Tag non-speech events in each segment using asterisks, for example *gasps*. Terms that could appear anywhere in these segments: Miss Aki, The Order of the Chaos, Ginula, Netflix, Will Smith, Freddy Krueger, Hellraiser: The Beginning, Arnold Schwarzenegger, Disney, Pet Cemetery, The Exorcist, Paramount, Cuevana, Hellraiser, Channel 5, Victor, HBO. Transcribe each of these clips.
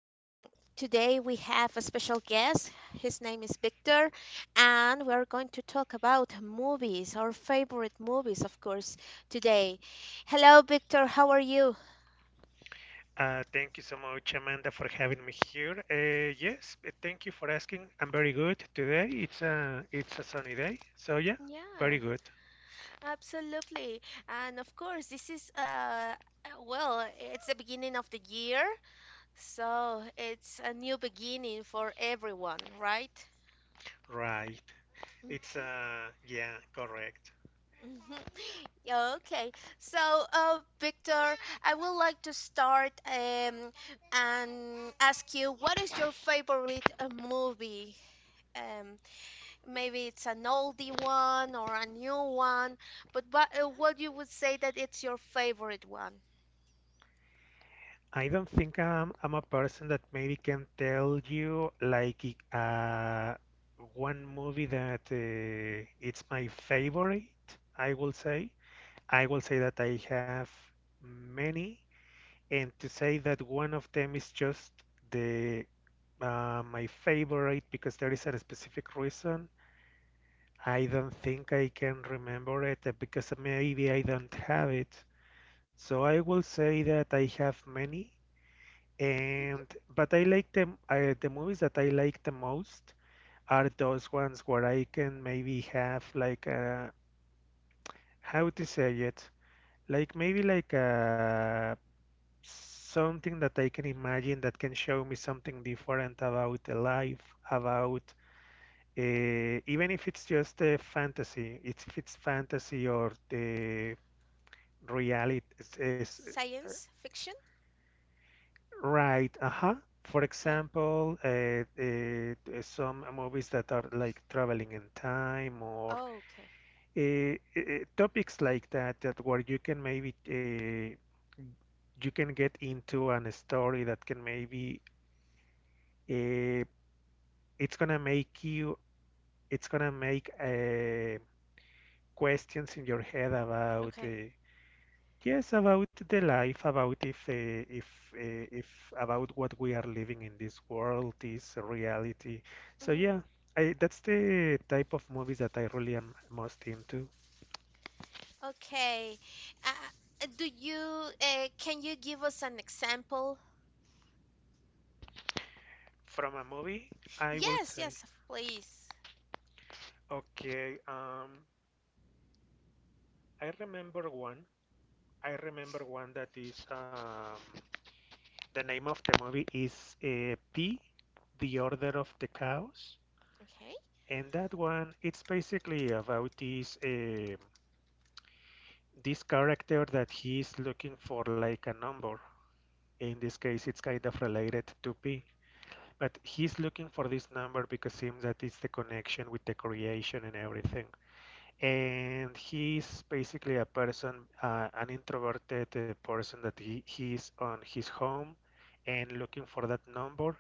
Today we have a special guest. His name is Victor, and we're going to talk about movies, our favorite movies, of course, today. Hello, Victor, how are you? Thank you so much, Amanda, for having me here. Yes, Thank you for asking. I'm very good today. It's a sunny day, so yeah, very Yeah, good. absolutely. And of course, this is well, it's the beginning of the year, so it's a new beginning for everyone, right? Right. It's yeah, correct. Mhm. *laughs* Yeah, okay, so Victor, I would like to start and ask you what is your favorite movie? Um, Maybe it's an oldie one or a new one, but what you would say that it's your favorite one? I don't think I'm a person that maybe can tell you like i- uh one movie that it's my favorite. I will say I will say that I have many, and to say that one of them is just the my favorite, because there is a specific reason. I don't think I can remember it because maybe I don't have it. So I will say that I have many, Mhm. and but I like them. The movies that I like the most are those ones where I can maybe have like how to say it, like maybe like a something that I can imagine, that can show me something different about the life, about even if it's just a fantasy, if it's fantasy or the is Science fiction? Right. Uh-huh. For Okay. example, some movies that are like traveling in time, or Oh, okay. Topics like that, that where you can maybe you can get into an story that can maybe uh, it's gonna make it's gonna make uh, questions in your head about Okay. Yes, about the life, about if about what we are living in this world, this reality. So Mhm. yeah, that's the type of movies that I really am most into. Okay. Uh, do you Can you give us an example? From a movie, I will Yes, say, yes, please. okay, I remember one. I remember one that is the name of the movie is P, The Order of the Chaos, Okay. and that one, it's basically about this. This character, that he is looking for like a number. In this case, it's kind of related to P. But he's looking for this number because it seems that it's the connection with the creation and everything. And he's basically a person, an introverted person, that he's on his home and looking for that number.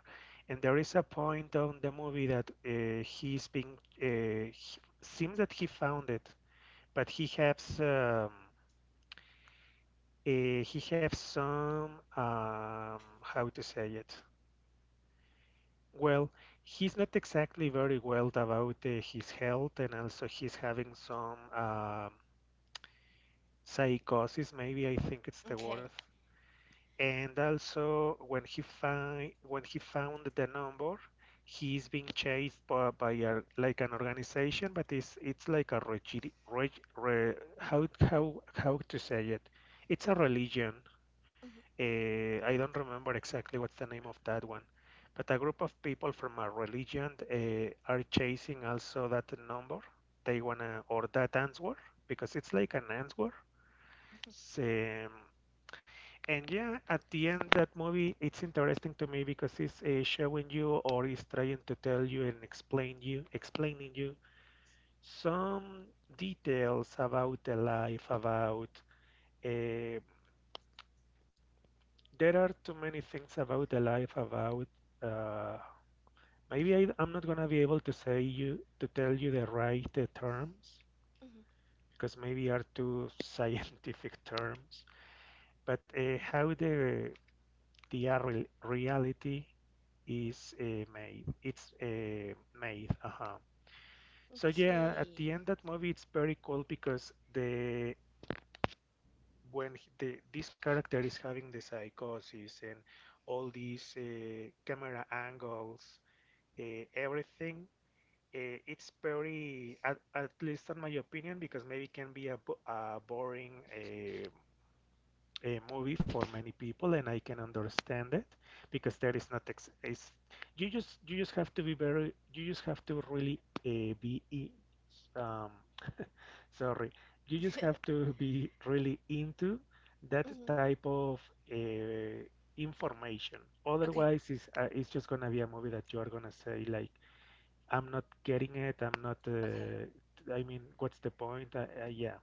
And there is a point on the movie that he's seems that he found it, but he has some, how to say it? Well, he's not exactly very well about his health, and also he's having some psychosis, maybe, I think it's the word. Okay. And also, when he found the number, he's being chased by a, like an organization, but it's like a how to say it? It's a religion. Mhm, I don't remember exactly what's the name of that one, but a group of people from a religion are chasing also that number. They wanna, or that answer, because it's like an answer. mhm, Same. And yeah, at the end, that movie, it's interesting to me because it's showing you, or is trying to tell you and explaining you some details about the life, about uh, there are too many things about the life, about uh, maybe I'm not gonna be able to say you to tell you the right terms, mhm. because maybe are too *laughs* scientific terms, but how the real reality is made it's made. Uh-huh. So yeah, at the Okay. end, that movie, it's very cool because the when he- the this character is having the psychosis, and all these camera angles, everything. It's very, at least in my opinion, because maybe it can be a boring a movie for many people, and I can understand it, because there is not ex is you just have to be very, you just have to really uh, be i- um sorry, you just have *laughs* to be really into that Mhm. type of uh, information. Okay. Otherwise, it's just gonna be a movie that you are gonna say like, I'm not getting it. I'm not. Okay. I mean, what's the point? Yeah.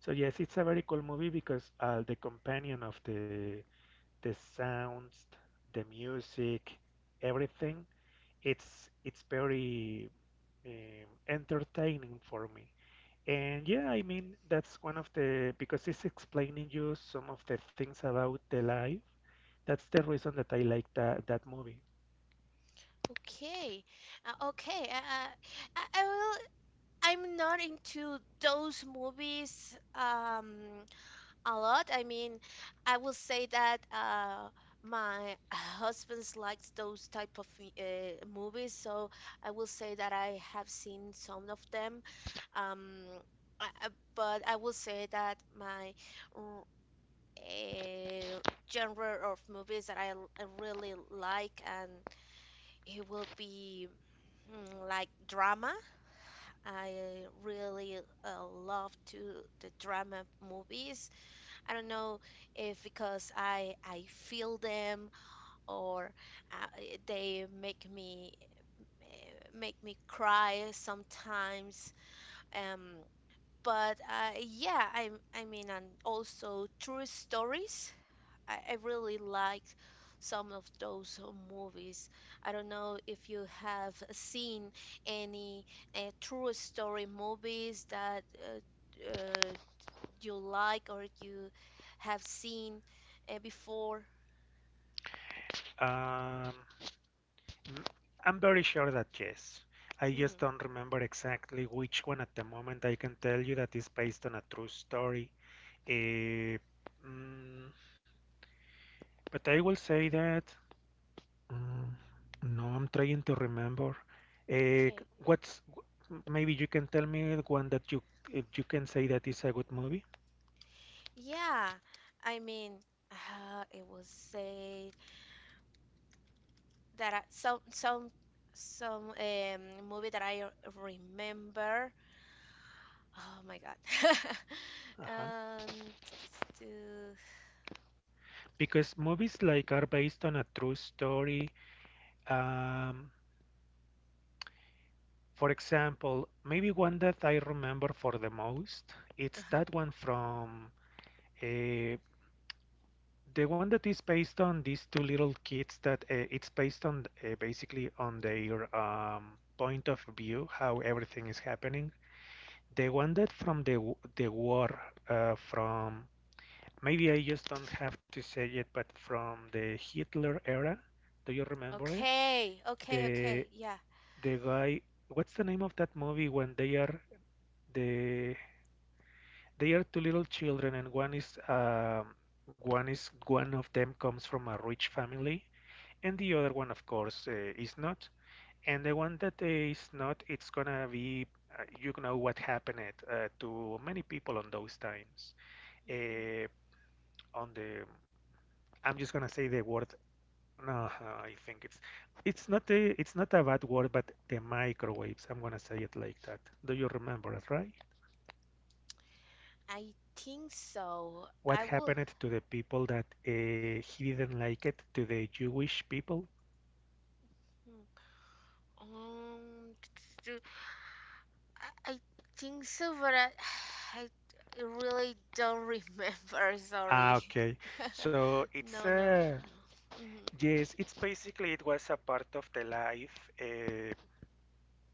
So yes, it's a very cool movie, because the companion of the sounds, the music, everything. It's very entertaining for me. And yeah, I mean, that's one of the because it's explaining you some of the things about the life. That's the reason that I like that movie. Okay. Okay. I will. I'm not into those movies a lot. I mean, I will say that my husband likes those type of movies, so I will say that I have seen some of them. Um, I, I- but I will say that my a genre of movies that I really like, and it will be like drama. I really love to the drama movies. I don't know if because I feel them or they make me make me cry sometimes. Um, but yeah, I mean, and also true stories. I really like some of those movies. I don't know if you have seen any true story movies that you like or you have seen before. Um, I'm very sure that yes. I just Hmm. don't remember exactly which one at the moment I can tell you that is based on a true story. Eh, mm, but I will say that. Mm, no, I'm trying to remember. Eh, Okay. what's, maybe you can tell me the one that you can say that is a good movie? Yeah, I mean, it was said that I, some movie that I remember. Oh my God. *laughs* Uh-huh. Um, t- t- t- Because movies like are based on a true story. Um, For example, maybe one that I remember for the most, it's uh-huh. that one from uh, the one that is based on these two little kids, that it's based on basically on their point of view, how everything is happening. The one that from the war from, maybe I just don't have to say it, but from the Hitler era. Do you remember it? Okay, okay, okay. The Yeah. the guy, what's the name of that movie when they are the they are two little children, and one is one of them comes from a rich family, and the other one, of course, is not. And the one that is not, it's gonna be you know what happened to many people on those times. Mhm. Uh, on the, I'm just gonna say the word. No, I think it's not a, it's not a bad word, but the microwaves. I'm gonna say it like that. Do you remember it, right? I think so. What I will. happened to the people that he didn't like it, to the Jewish people? Hmm. T- t- t- I think so, but *sighs* I really don't remember. *laughs* Ah, Sorry. okay. *laughs* So it's No, no. Mm-hmm. yes, it's basically, it was a part of the life uh,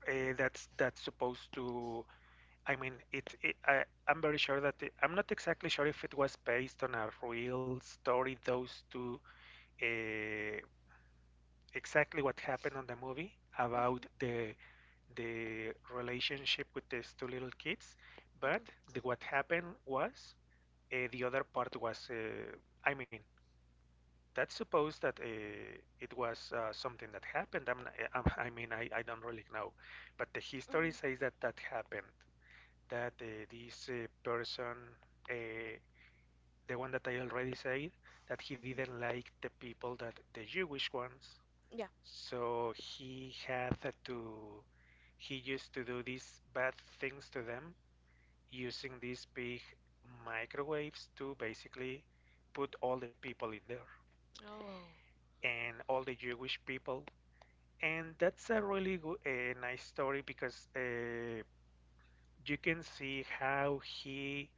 uh, that's supposed to. I mean, it I'm very sure that I'm not exactly sure if it was based on a real story. Those two uh, exactly what happened on the movie about Mm-hmm. The relationship with these two little kids. But Mm-hmm. What happened was the other part was, I mean, that's supposed that it was something that happened. *laughs* I mean, I don't really know, but the history Mm-hmm. says that that happened. That this person, uh, the one that I already said, that he didn't like the people that, the Jewish ones, Yeah. so he had to, he used to do these bad things to them, using these big microwaves, to basically put all the people in there, Oh. and all the Jewish people. And that's a really good, nice story, because you can see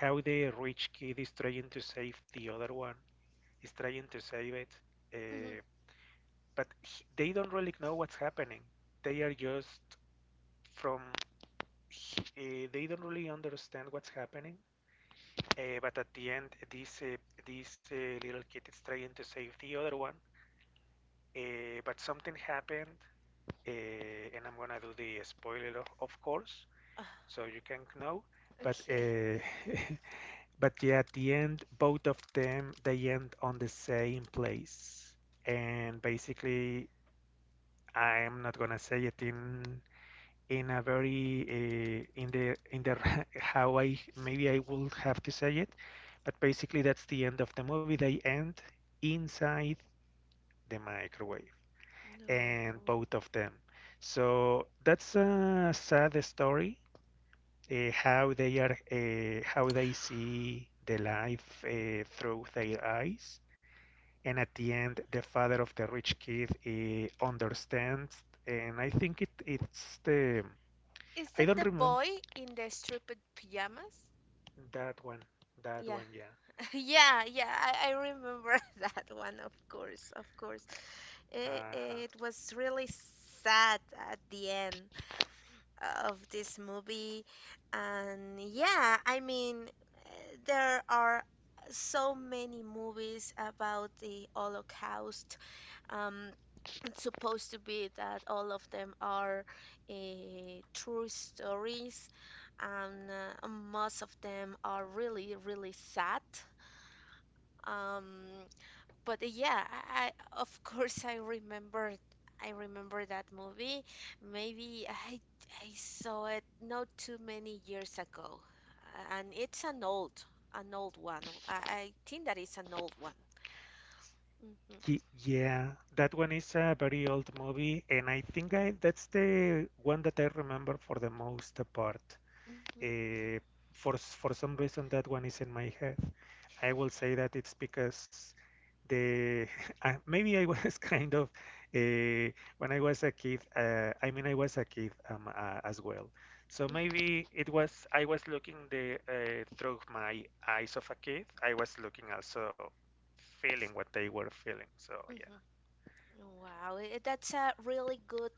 how the rich kid is trying to save the other one, is trying to save it, Mm-hmm. uh, they don't really know what's happening. They are just from they don't really understand what's happening. But at the end, this this little kid is trying to save the other one. But something happened, uh, and I'm gonna do the spoiler, of course, so *sighs* you can know. But Okay. *laughs* But yeah, at the end, both of them, they end on the same place, and basically, I'm not gonna say it in a very in the *laughs* how I, maybe I would have to say it, but basically that's the end of the movie. They end inside the microwave, *laughs* No. and both of them. So that's a sad story. How they *gasps* see the life through their eyes, and at the end, the father of the rich kid understands. And I think it's the Is I that don't the remember. boy in the striped pajamas? That one, Yeah. Yeah. *laughs* Yeah, yeah, I remember *laughs* that one, of course, of course. Uh-huh. It was really sad at the end of this movie. And yeah, I mean, eh, there are so many movies about the Holocaust, um, it's supposed to be that all of them are uh, true stories, and most of them are really, really sad. Um, but yeah, I of *laughs* course I remember. I remember that movie. Maybe I saw it not too many years ago, and it's an old, an old one. I think that it's an old one. Hmm. Yeah, that one is a very old movie, and I think I that's the one that I remember for the most part. Hmm. uh, for some reason, that one is in my head. I will say that it's because the *laughs* maybe I was *laughs* kind of uh, when I was a kid. I mean, I was a kid, as well. So Hmm. maybe it was, I was looking the through my eyes of a kid, I was looking, also feeling what they were feeling. So yeah. Hmm. Wow, that's a really good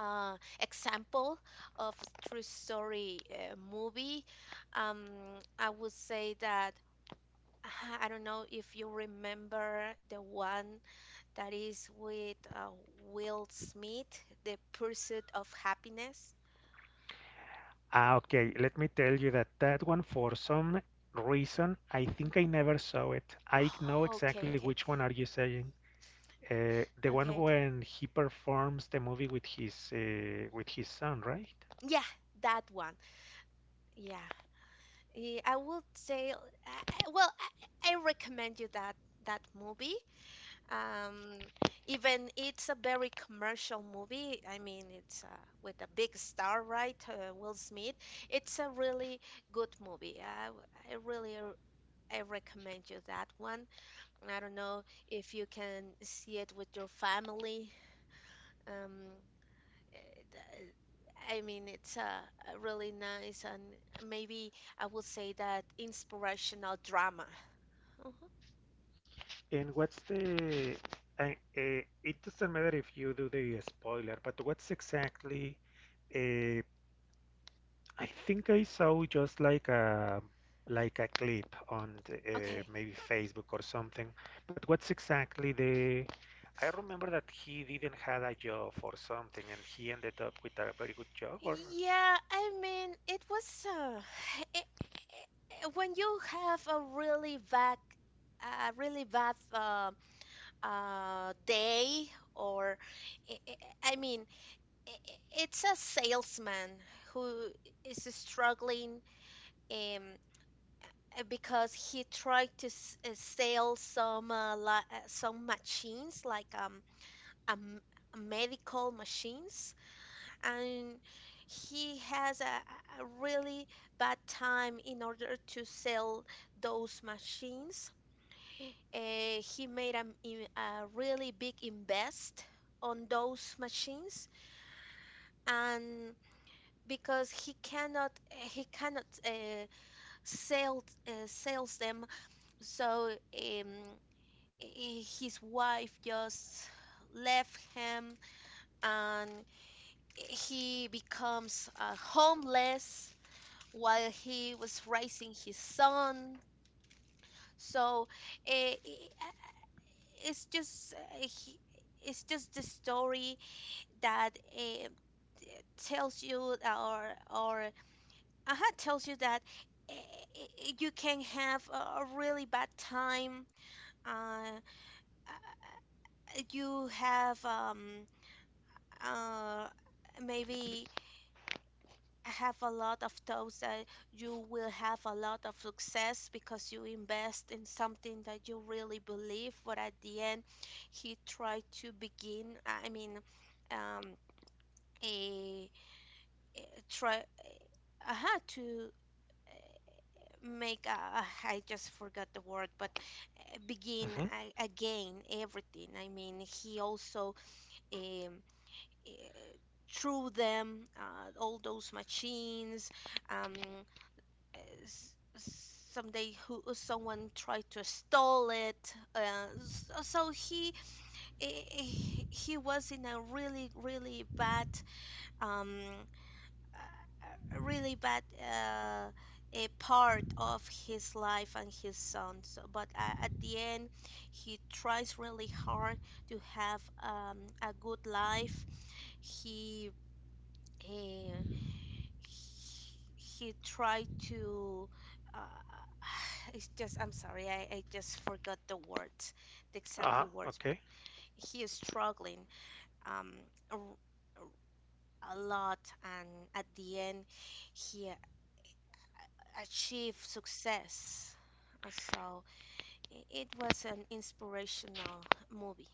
example of a true story movie. Um, I would say that *sighs* *laughs* I don't know if you remember the one that is with Will Smith, The Pursuit of Happiness. Ah, okay. Let me tell you that that one, for some reason, I think I never saw it. I know Oh, okay, exactly okay, which one are you saying. The one okay, okay. when he performs the movie with his son, right? Yeah, that one. Yeah, eh, I would say, I recommend you that that movie. Um, even it's a very commercial movie. I mean, it's with a big star, right? Will Smith. It's a really good movie. I, w- I really r- I recommend you that one. I don't know if you can see it with your family. Um, eh, I mean, it's a really nice and maybe I would say that inspirational drama. Mhm. And what's the? I, it doesn't matter if you do the spoiler, but what's exactly uh, I think I saw just like a clip on Okay. maybe Facebook or something. But what's exactly the? I remember that he didn't had a job or something, and he ended up with a very good job. Or Yeah, I mean, it was *sighs* when you have a really bad day, or I mean, it's a salesman who is struggling um, because he tried to s sell some li some machines like um medical machines and he has a really bad time in order to sell those machines. He made a really big invest on those machines and because he cannot, he cannot sells them, so his wife just left him and he becomes homeless while he was raising his son. So eh, eh, it's just eh, he- it's just the story that eh, tells you, or or tells you that you can have a really bad time. Uh, uh, you have uh maybe I have a lot of thoughts that you will have a lot of success because you invest in something that you really believe. But at the end, he tried to begin, I mean, um, a try, to make, a, I just forgot the word, but begin hmm. Again everything. I mean, he also um, eh, threw them, all those machines. Um, s- someday who someone tried to stole it so he he was in a really really bad um a really bad a part of his life and his son, so but at the end he tries really hard to have a good life. he uh, he tried to uh, *sighs* it's just, I'm sorry, I just forgot the words, the Ah, exactly words, but okay. he is struggling um a, a lot and at the end he achieved success. So it was an inspirational movie.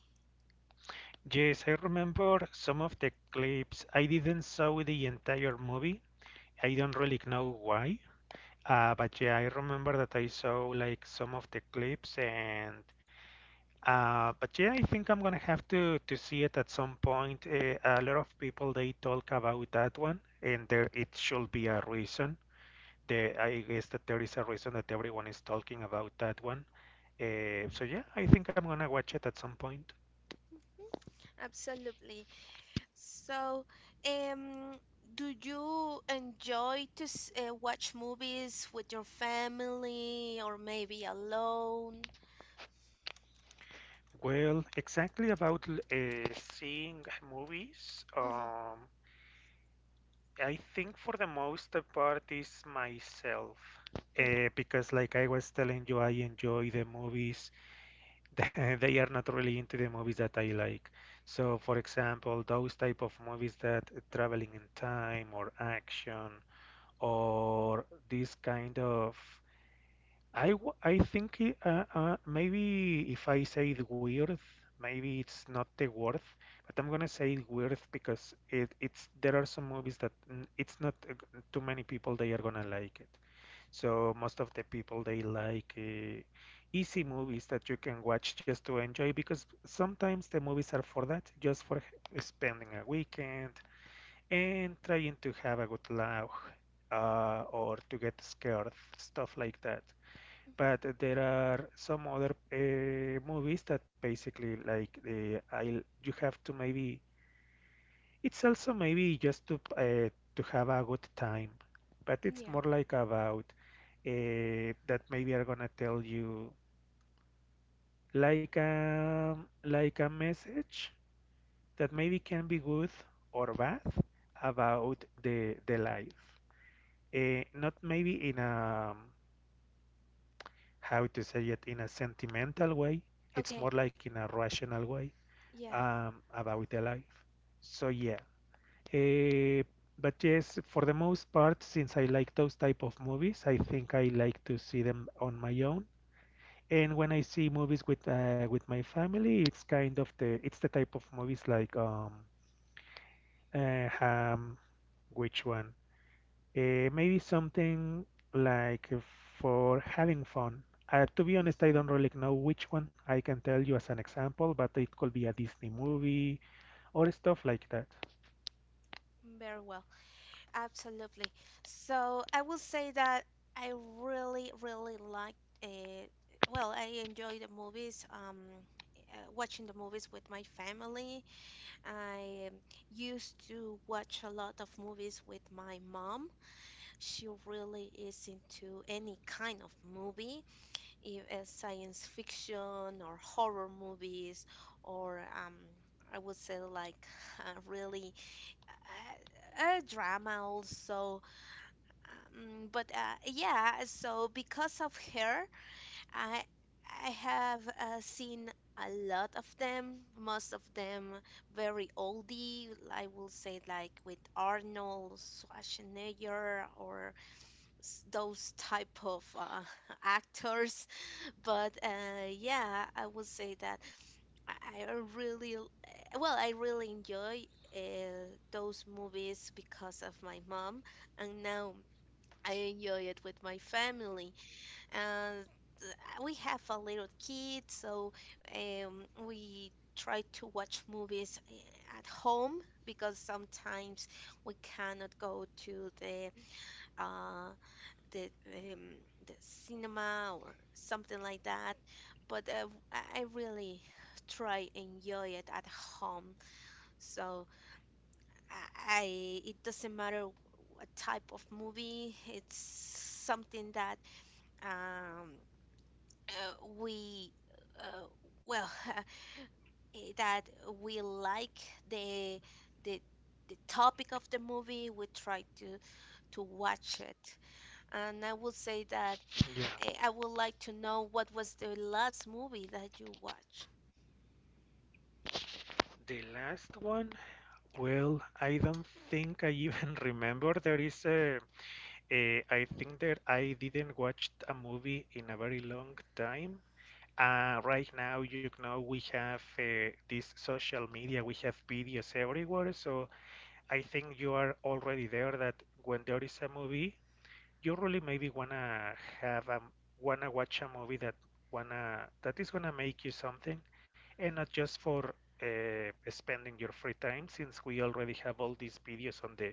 Yes, I remember some of the clips. I didn't saw the entire movie. I don't really know why. But yeah, I remember that I saw like some of the clips. And but yeah, I think I'm gonna have to see it at some point. A lot of people they talk about that one, and there it should be a reason. I guess that there is a reason that everyone is talking about that one. So yeah, I think I'm gonna watch it at some point. Absolutely. So, um, do you enjoy to watch movies with your family or maybe alone? Well, exactly about seeing movies. Mhm, I think for the most part is myself, mhm, because like I was telling you, I enjoy the movies. *laughs* They are not really into the movies that I like. So, for example, those type of movies that traveling in time or action or this kind of I think it, maybe if I say the weird, maybe it's not the word, but I'm gonna say weird because it, it's there are some movies that mm, it's not too many people they are gonna like it. So most of the people they like easy movies that you can watch just to enjoy, because sometimes the movies are for that, just for spending a weekend and trying to have a good laugh, or to get scared, stuff like that. mhm. But there are some other movies that basically like the I you have to maybe, it's also maybe just to have a good time, but it's Yeah. more like about that maybe are gonna tell you like a like a message that maybe can be good or bad about the life. Not maybe in a how to say it, in a sentimental way. It's Okay. more like in a rational way, Yeah. About the life. So yeah. Uh, but yes, for the most part, since I like those type of movies, I think I like to see them on my own. And when I see movies with my family, it's kind of the it's the type of movies like uh, um which one? Maybe something like for having fun. To be honest, I Mhm. don't really know which one. I can tell you as an example, but it could be a Disney movie or stuff like that. Very well. Absolutely. So I will say that I really, really like uh well, I enjoy the movies. Watching the movies with my family. I used to watch a lot of movies with my mom. She really is into any kind of movie, if it's science fiction or horror movies, or I would say like really a drama also. But yeah, so because of her, I I have seen a lot of them, most of them very oldie. I will say like with Arnold Schwarzenegger or those type of *laughs* actors, but yeah, I would say that i I really I really enjoy uh, those movies because of my mom, and now I enjoy it with my family, and we have a little kid, so we try to watch movies at home because sometimes we cannot go to the uh, the um, the cinema or something like that. But I really try enjoy it at home. So I it doesn't matter what type of movie. It's something that um, we uh, well *laughs* eh, that we like the the the topic of the movie. We try to watch it, and I will say that. Yeah, I would like to know what was the last movie that you watched. the last one. Yeah. Well, I don't think I even *laughs* remember. There is a. I think that I didn't watch a movie in a very long time. Right now, you know, we have this social media, we have videos everywhere. So I think you are already there that when there is a movie, you really maybe wanna have a wanna watch a movie that wanna that is gonna make you something, and not just for spending your free time, since we already have all these videos on the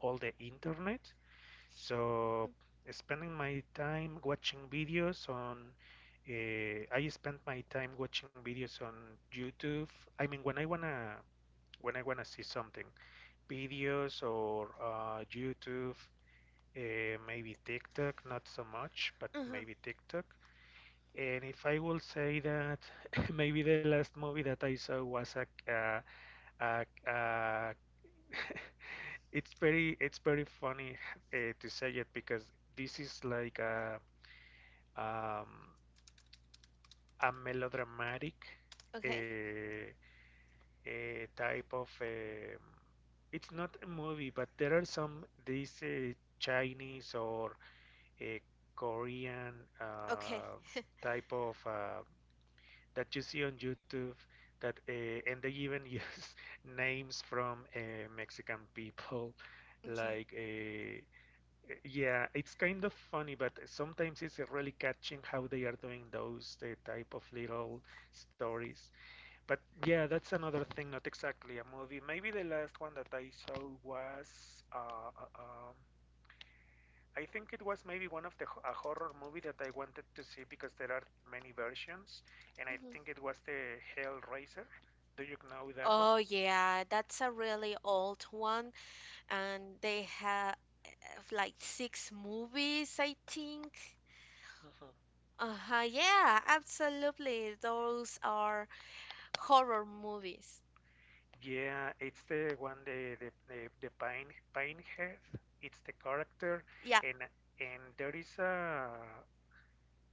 all the internet. So spending my time watching videos on I spend my time watching videos on YouTube. I mean, when I wanna see something, videos or YouTube, maybe TikTok, not so much, but Mm-hmm. maybe TikTok. And if I will say that, *laughs* maybe the last movie that I saw was a, a *laughs* it's very it's very funny to say it, because this is like um, a melodramatic Okay. uh, type of it's not a movie, but there are some these Chinese or uh, Korean Okay. uh, type of that you see on YouTube, that and they even use *laughs* names from Mexican people Okay. like. Yeah, it's kind of funny, but sometimes it's really catching how they are doing those the type of little stories. But yeah, that's another thing, not exactly a movie. Maybe the last one that I saw was I think it was maybe one of the a horror movie that I wanted to see because there are many versions, and I think Hmm. it was the Hellraiser. Do you know that Oh yeah, that's a really old one, and they have like six movies, I think. one? Uh-huh. Yeah, absolutely. Those are horror movies. Yeah, it's the one the pine head. It's the character, Yeah. and and there is a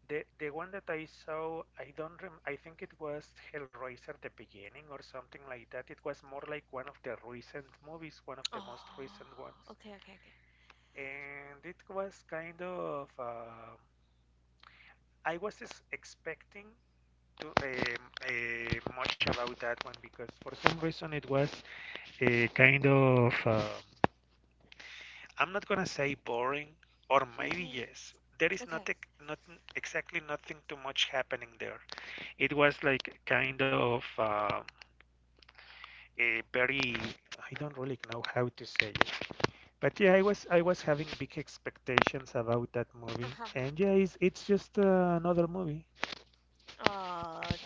the one that I saw. I don't rem. I think it was Hellraiser: The Beginning or something like that. It was more like one of the recent movies, one of the Oh. most recent ones, Okay. Okay. Okay. and it was kind of. I was just expecting to much about that one, because for some reason it was a kind of. I'm not gonna say boring, or maybe Hmm. yes. There is not, Okay. Not exactly nothing too much happening there. It was like kind of a very, I don't really know how to say it, but yeah, I was having big expectations about that movie, Uh-huh. and yeah, it's just another movie. Oh,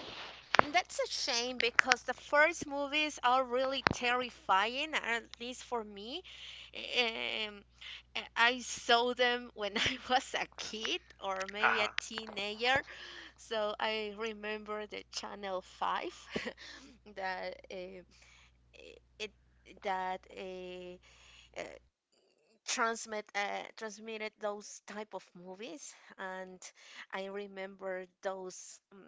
mm, that's a shame because the first movies are really terrifying, at least for me. Um, I saw them when *laughs* I was a kid or maybe a Uh-huh. teenager, so I remember the Channel 5 *laughs* that it that uh, transmitted those type of movies and I remember those um,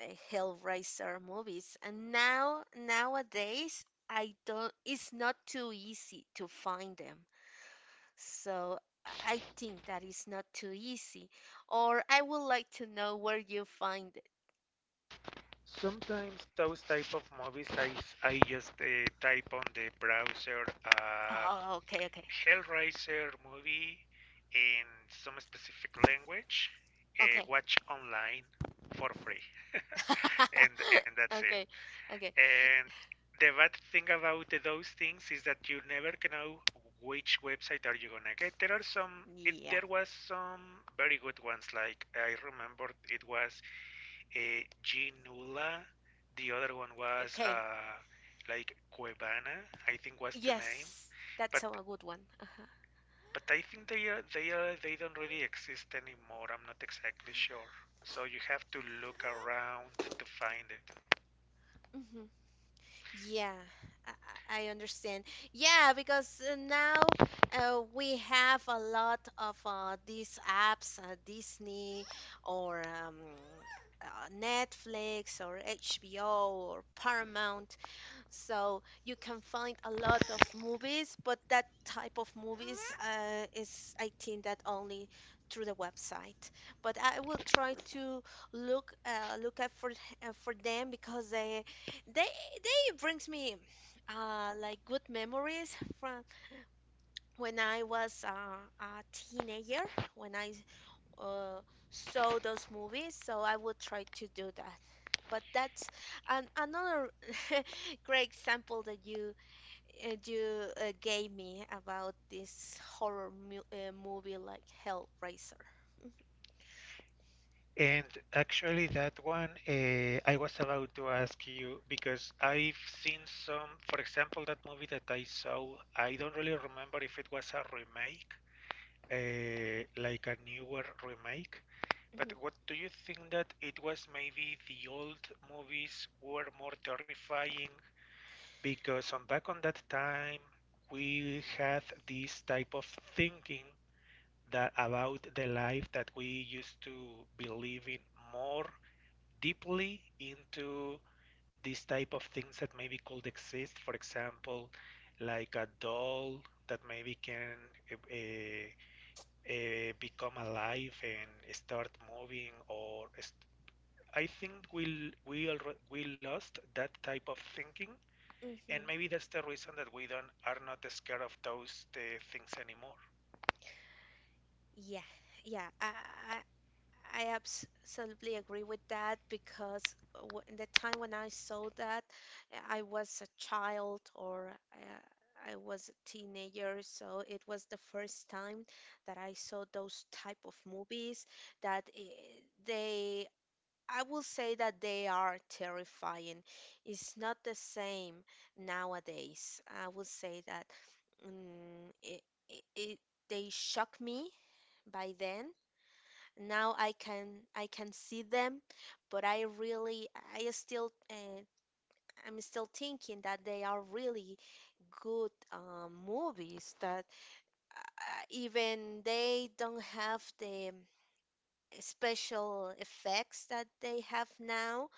uh, hellraiser movies and now nowadays I don't, it's not too easy to find them, so I think that is not too easy, or I would like to know where you find it. Sometimes those type of movies I just type on the browser. Uh, Oh, okay, okay, Hellraiser movie in some specific language, okay. watch online for free, *laughs* and that's *laughs* it. Okay, okay, And the bad thing about those things is that you never can know which website are you gonna get. There are some. It, yeah, there was some very good ones. Like I remember it was a Ginula. The other one was okay, like Cuevana. I think was the name. yes, But that's a good one, uh-huh. I think they are they are they don't really exist anymore. I'm not exactly sure. So you have to look around to find it. Mhm. Yeah, I, I understand. Yeah, because now we have a lot of these apps, Disney or Netflix or HBO or Paramount. So you can find a lot of movies, but that type of movies is, I think, that only through the website. But I will try to look look out for them because they they brings me like good memories from when I was a teenager, when I uh, saw those movies. So I will try to do that. But that's another *laughs* great example that you gave me about this horror mu movie like Hellraiser. And actually, that one I was about to ask you because I've seen some, for example, that movie that I saw. I don't really remember if it was a remake, like a newer remake. But Hmm. what do you think that it was maybe the old movies were more terrifying, because on back on that time we had this type of thinking that about the life that we used to believe in more deeply into this type of things that maybe could exist, for example, like a doll that maybe can uh, become alive and start moving or I think we lost that type of thinking, and Hmm. maybe that's the reason that we don't are not scared of those things anymore. Yeah, yeah, I I absolutely agree with that because w the time when I saw that, I was a child or I was a teenager, so it was the first time that that I saw those type of movies that eh, they. I will say that they are terrifying. It's not the same nowadays. I will say that mm it, it they shock me by then. Now I can see them, but I still I'm still thinking that they are really good movies that even they don't have the special effects that they have now.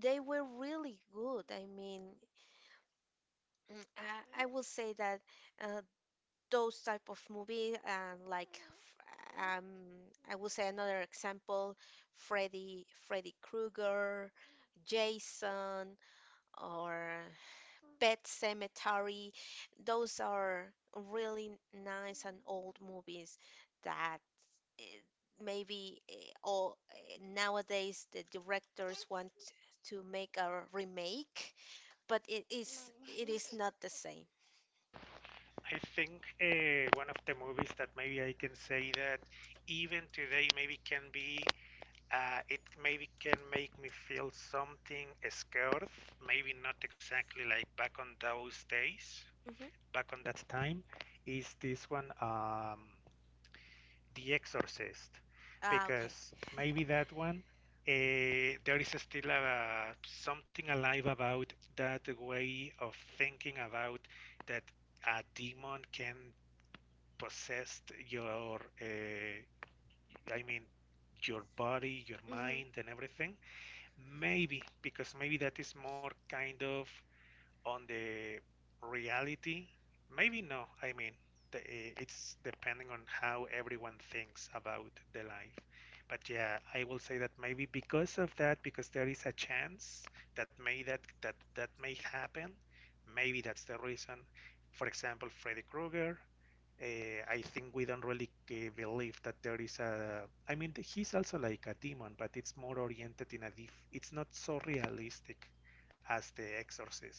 They were really good. I mean, I will say that uh, those type of movie, I will say another example, Freddy Krueger, Jason, or Pet Cemetery. Those are really nice and old movies that eh, maybe eh, all eh, nowadays the directors want to make a remake, but it is not the same. I think one of the movies that maybe I can say that even today maybe can be, it maybe can make me feel something scared. Maybe not exactly like back on those days, Mm-hmm. back on that time. Is this one? The Exorcist. Ah, okay. Because maybe that one there is still a, something alive about that way of thinking about that a demon can possess your I mean your body, your Mm-hmm. mind and everything. Maybe because maybe that is more kind of on the reality. Maybe no, I mean it's depending on how everyone thinks about the life, but yeah, I will say that maybe because of that, because there is a chance that may that that may happen. Maybe that's the reason. For example, Freddy Krueger, uh, I think we don't really believe that there is a. I mean, he's also like a demon, but it's more oriented in a. Dif- it's not so realistic as The Exorcist.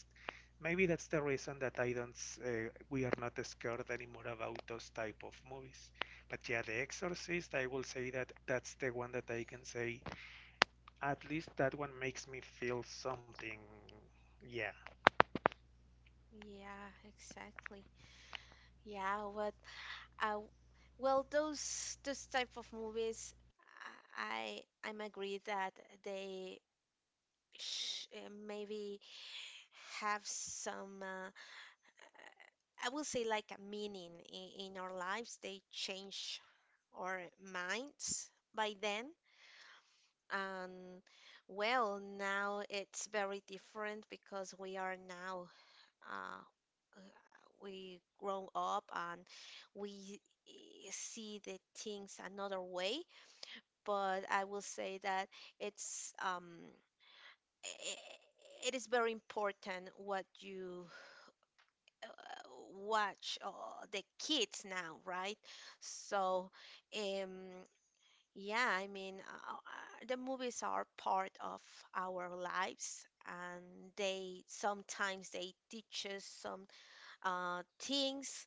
Maybe that's the reason that I don't. We are not scared anymore about those type of movies. But yeah, The Exorcist. I will say that that's the one that I can say. At least that one makes me feel something. Yeah, Yeah, exactly. Yeah, what uh, well, those type of movies, I'm agree that they sh maybe have some I will say like a meaning in our lives. They change our minds by then. Um, well, now it's very different because we are now uh, uh, we grown up and we eh, see the things another way. But I will say that it's um, i- it is very important what you watch the kids now, right? So um, yeah, I mean, the movies are part of our lives, and they sometimes they teach us some things.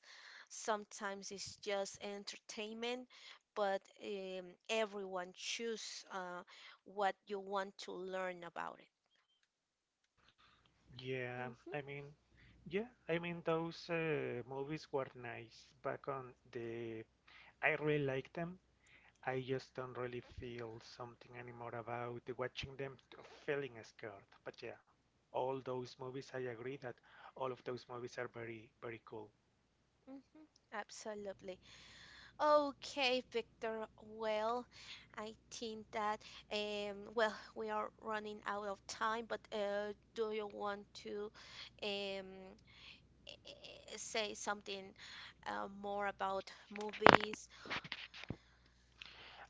Sometimes it's just entertainment, but everyone choose what you want to learn about it. yeah. Hmm. I mean, yeah. I mean, those movies were nice back on the. I really like them. I just don't really feel something anymore about watching them feeling scared. But yeah, all those movies, I agree that all of those movies are very, very cool. Hmm. Absolutely. Okay, Victor. Well, I think that well we are running out of time, but do you want to um say something more about movies?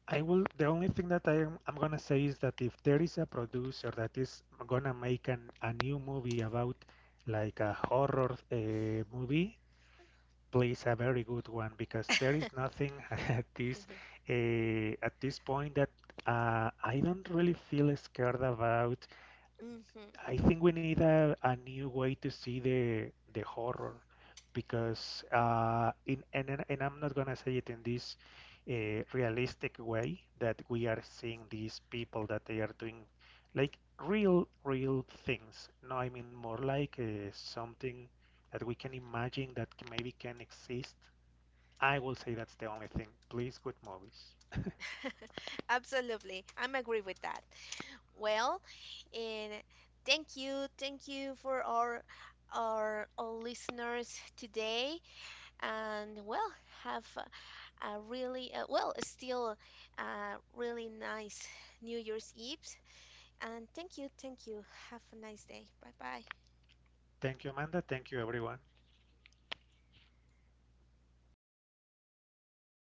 I will, the only thing that I'm gonna say is that if there is a producer that is gonna make a new movie about like a horror movie, please a very good one, because there is nothing *laughs* at this *laughs* at this point that I don't really feel scared about. Hmm. I think we need a new way to see the horror, because in and I'm not gonna say it in this realistic way that we are seeing these people that they are doing like real things. No, I mean more like something that we can imagine that maybe can exist. I will say that's the only thing. Please, good movies. *laughs* Absolutely. I'm agree with that. Well, and thank you for our our listeners today. And well, have a really well, still a really nice New Year's Eve. And thank you, thank you. Have a nice day. Bye bye. Thank you, Amanda. Thank you, everyone.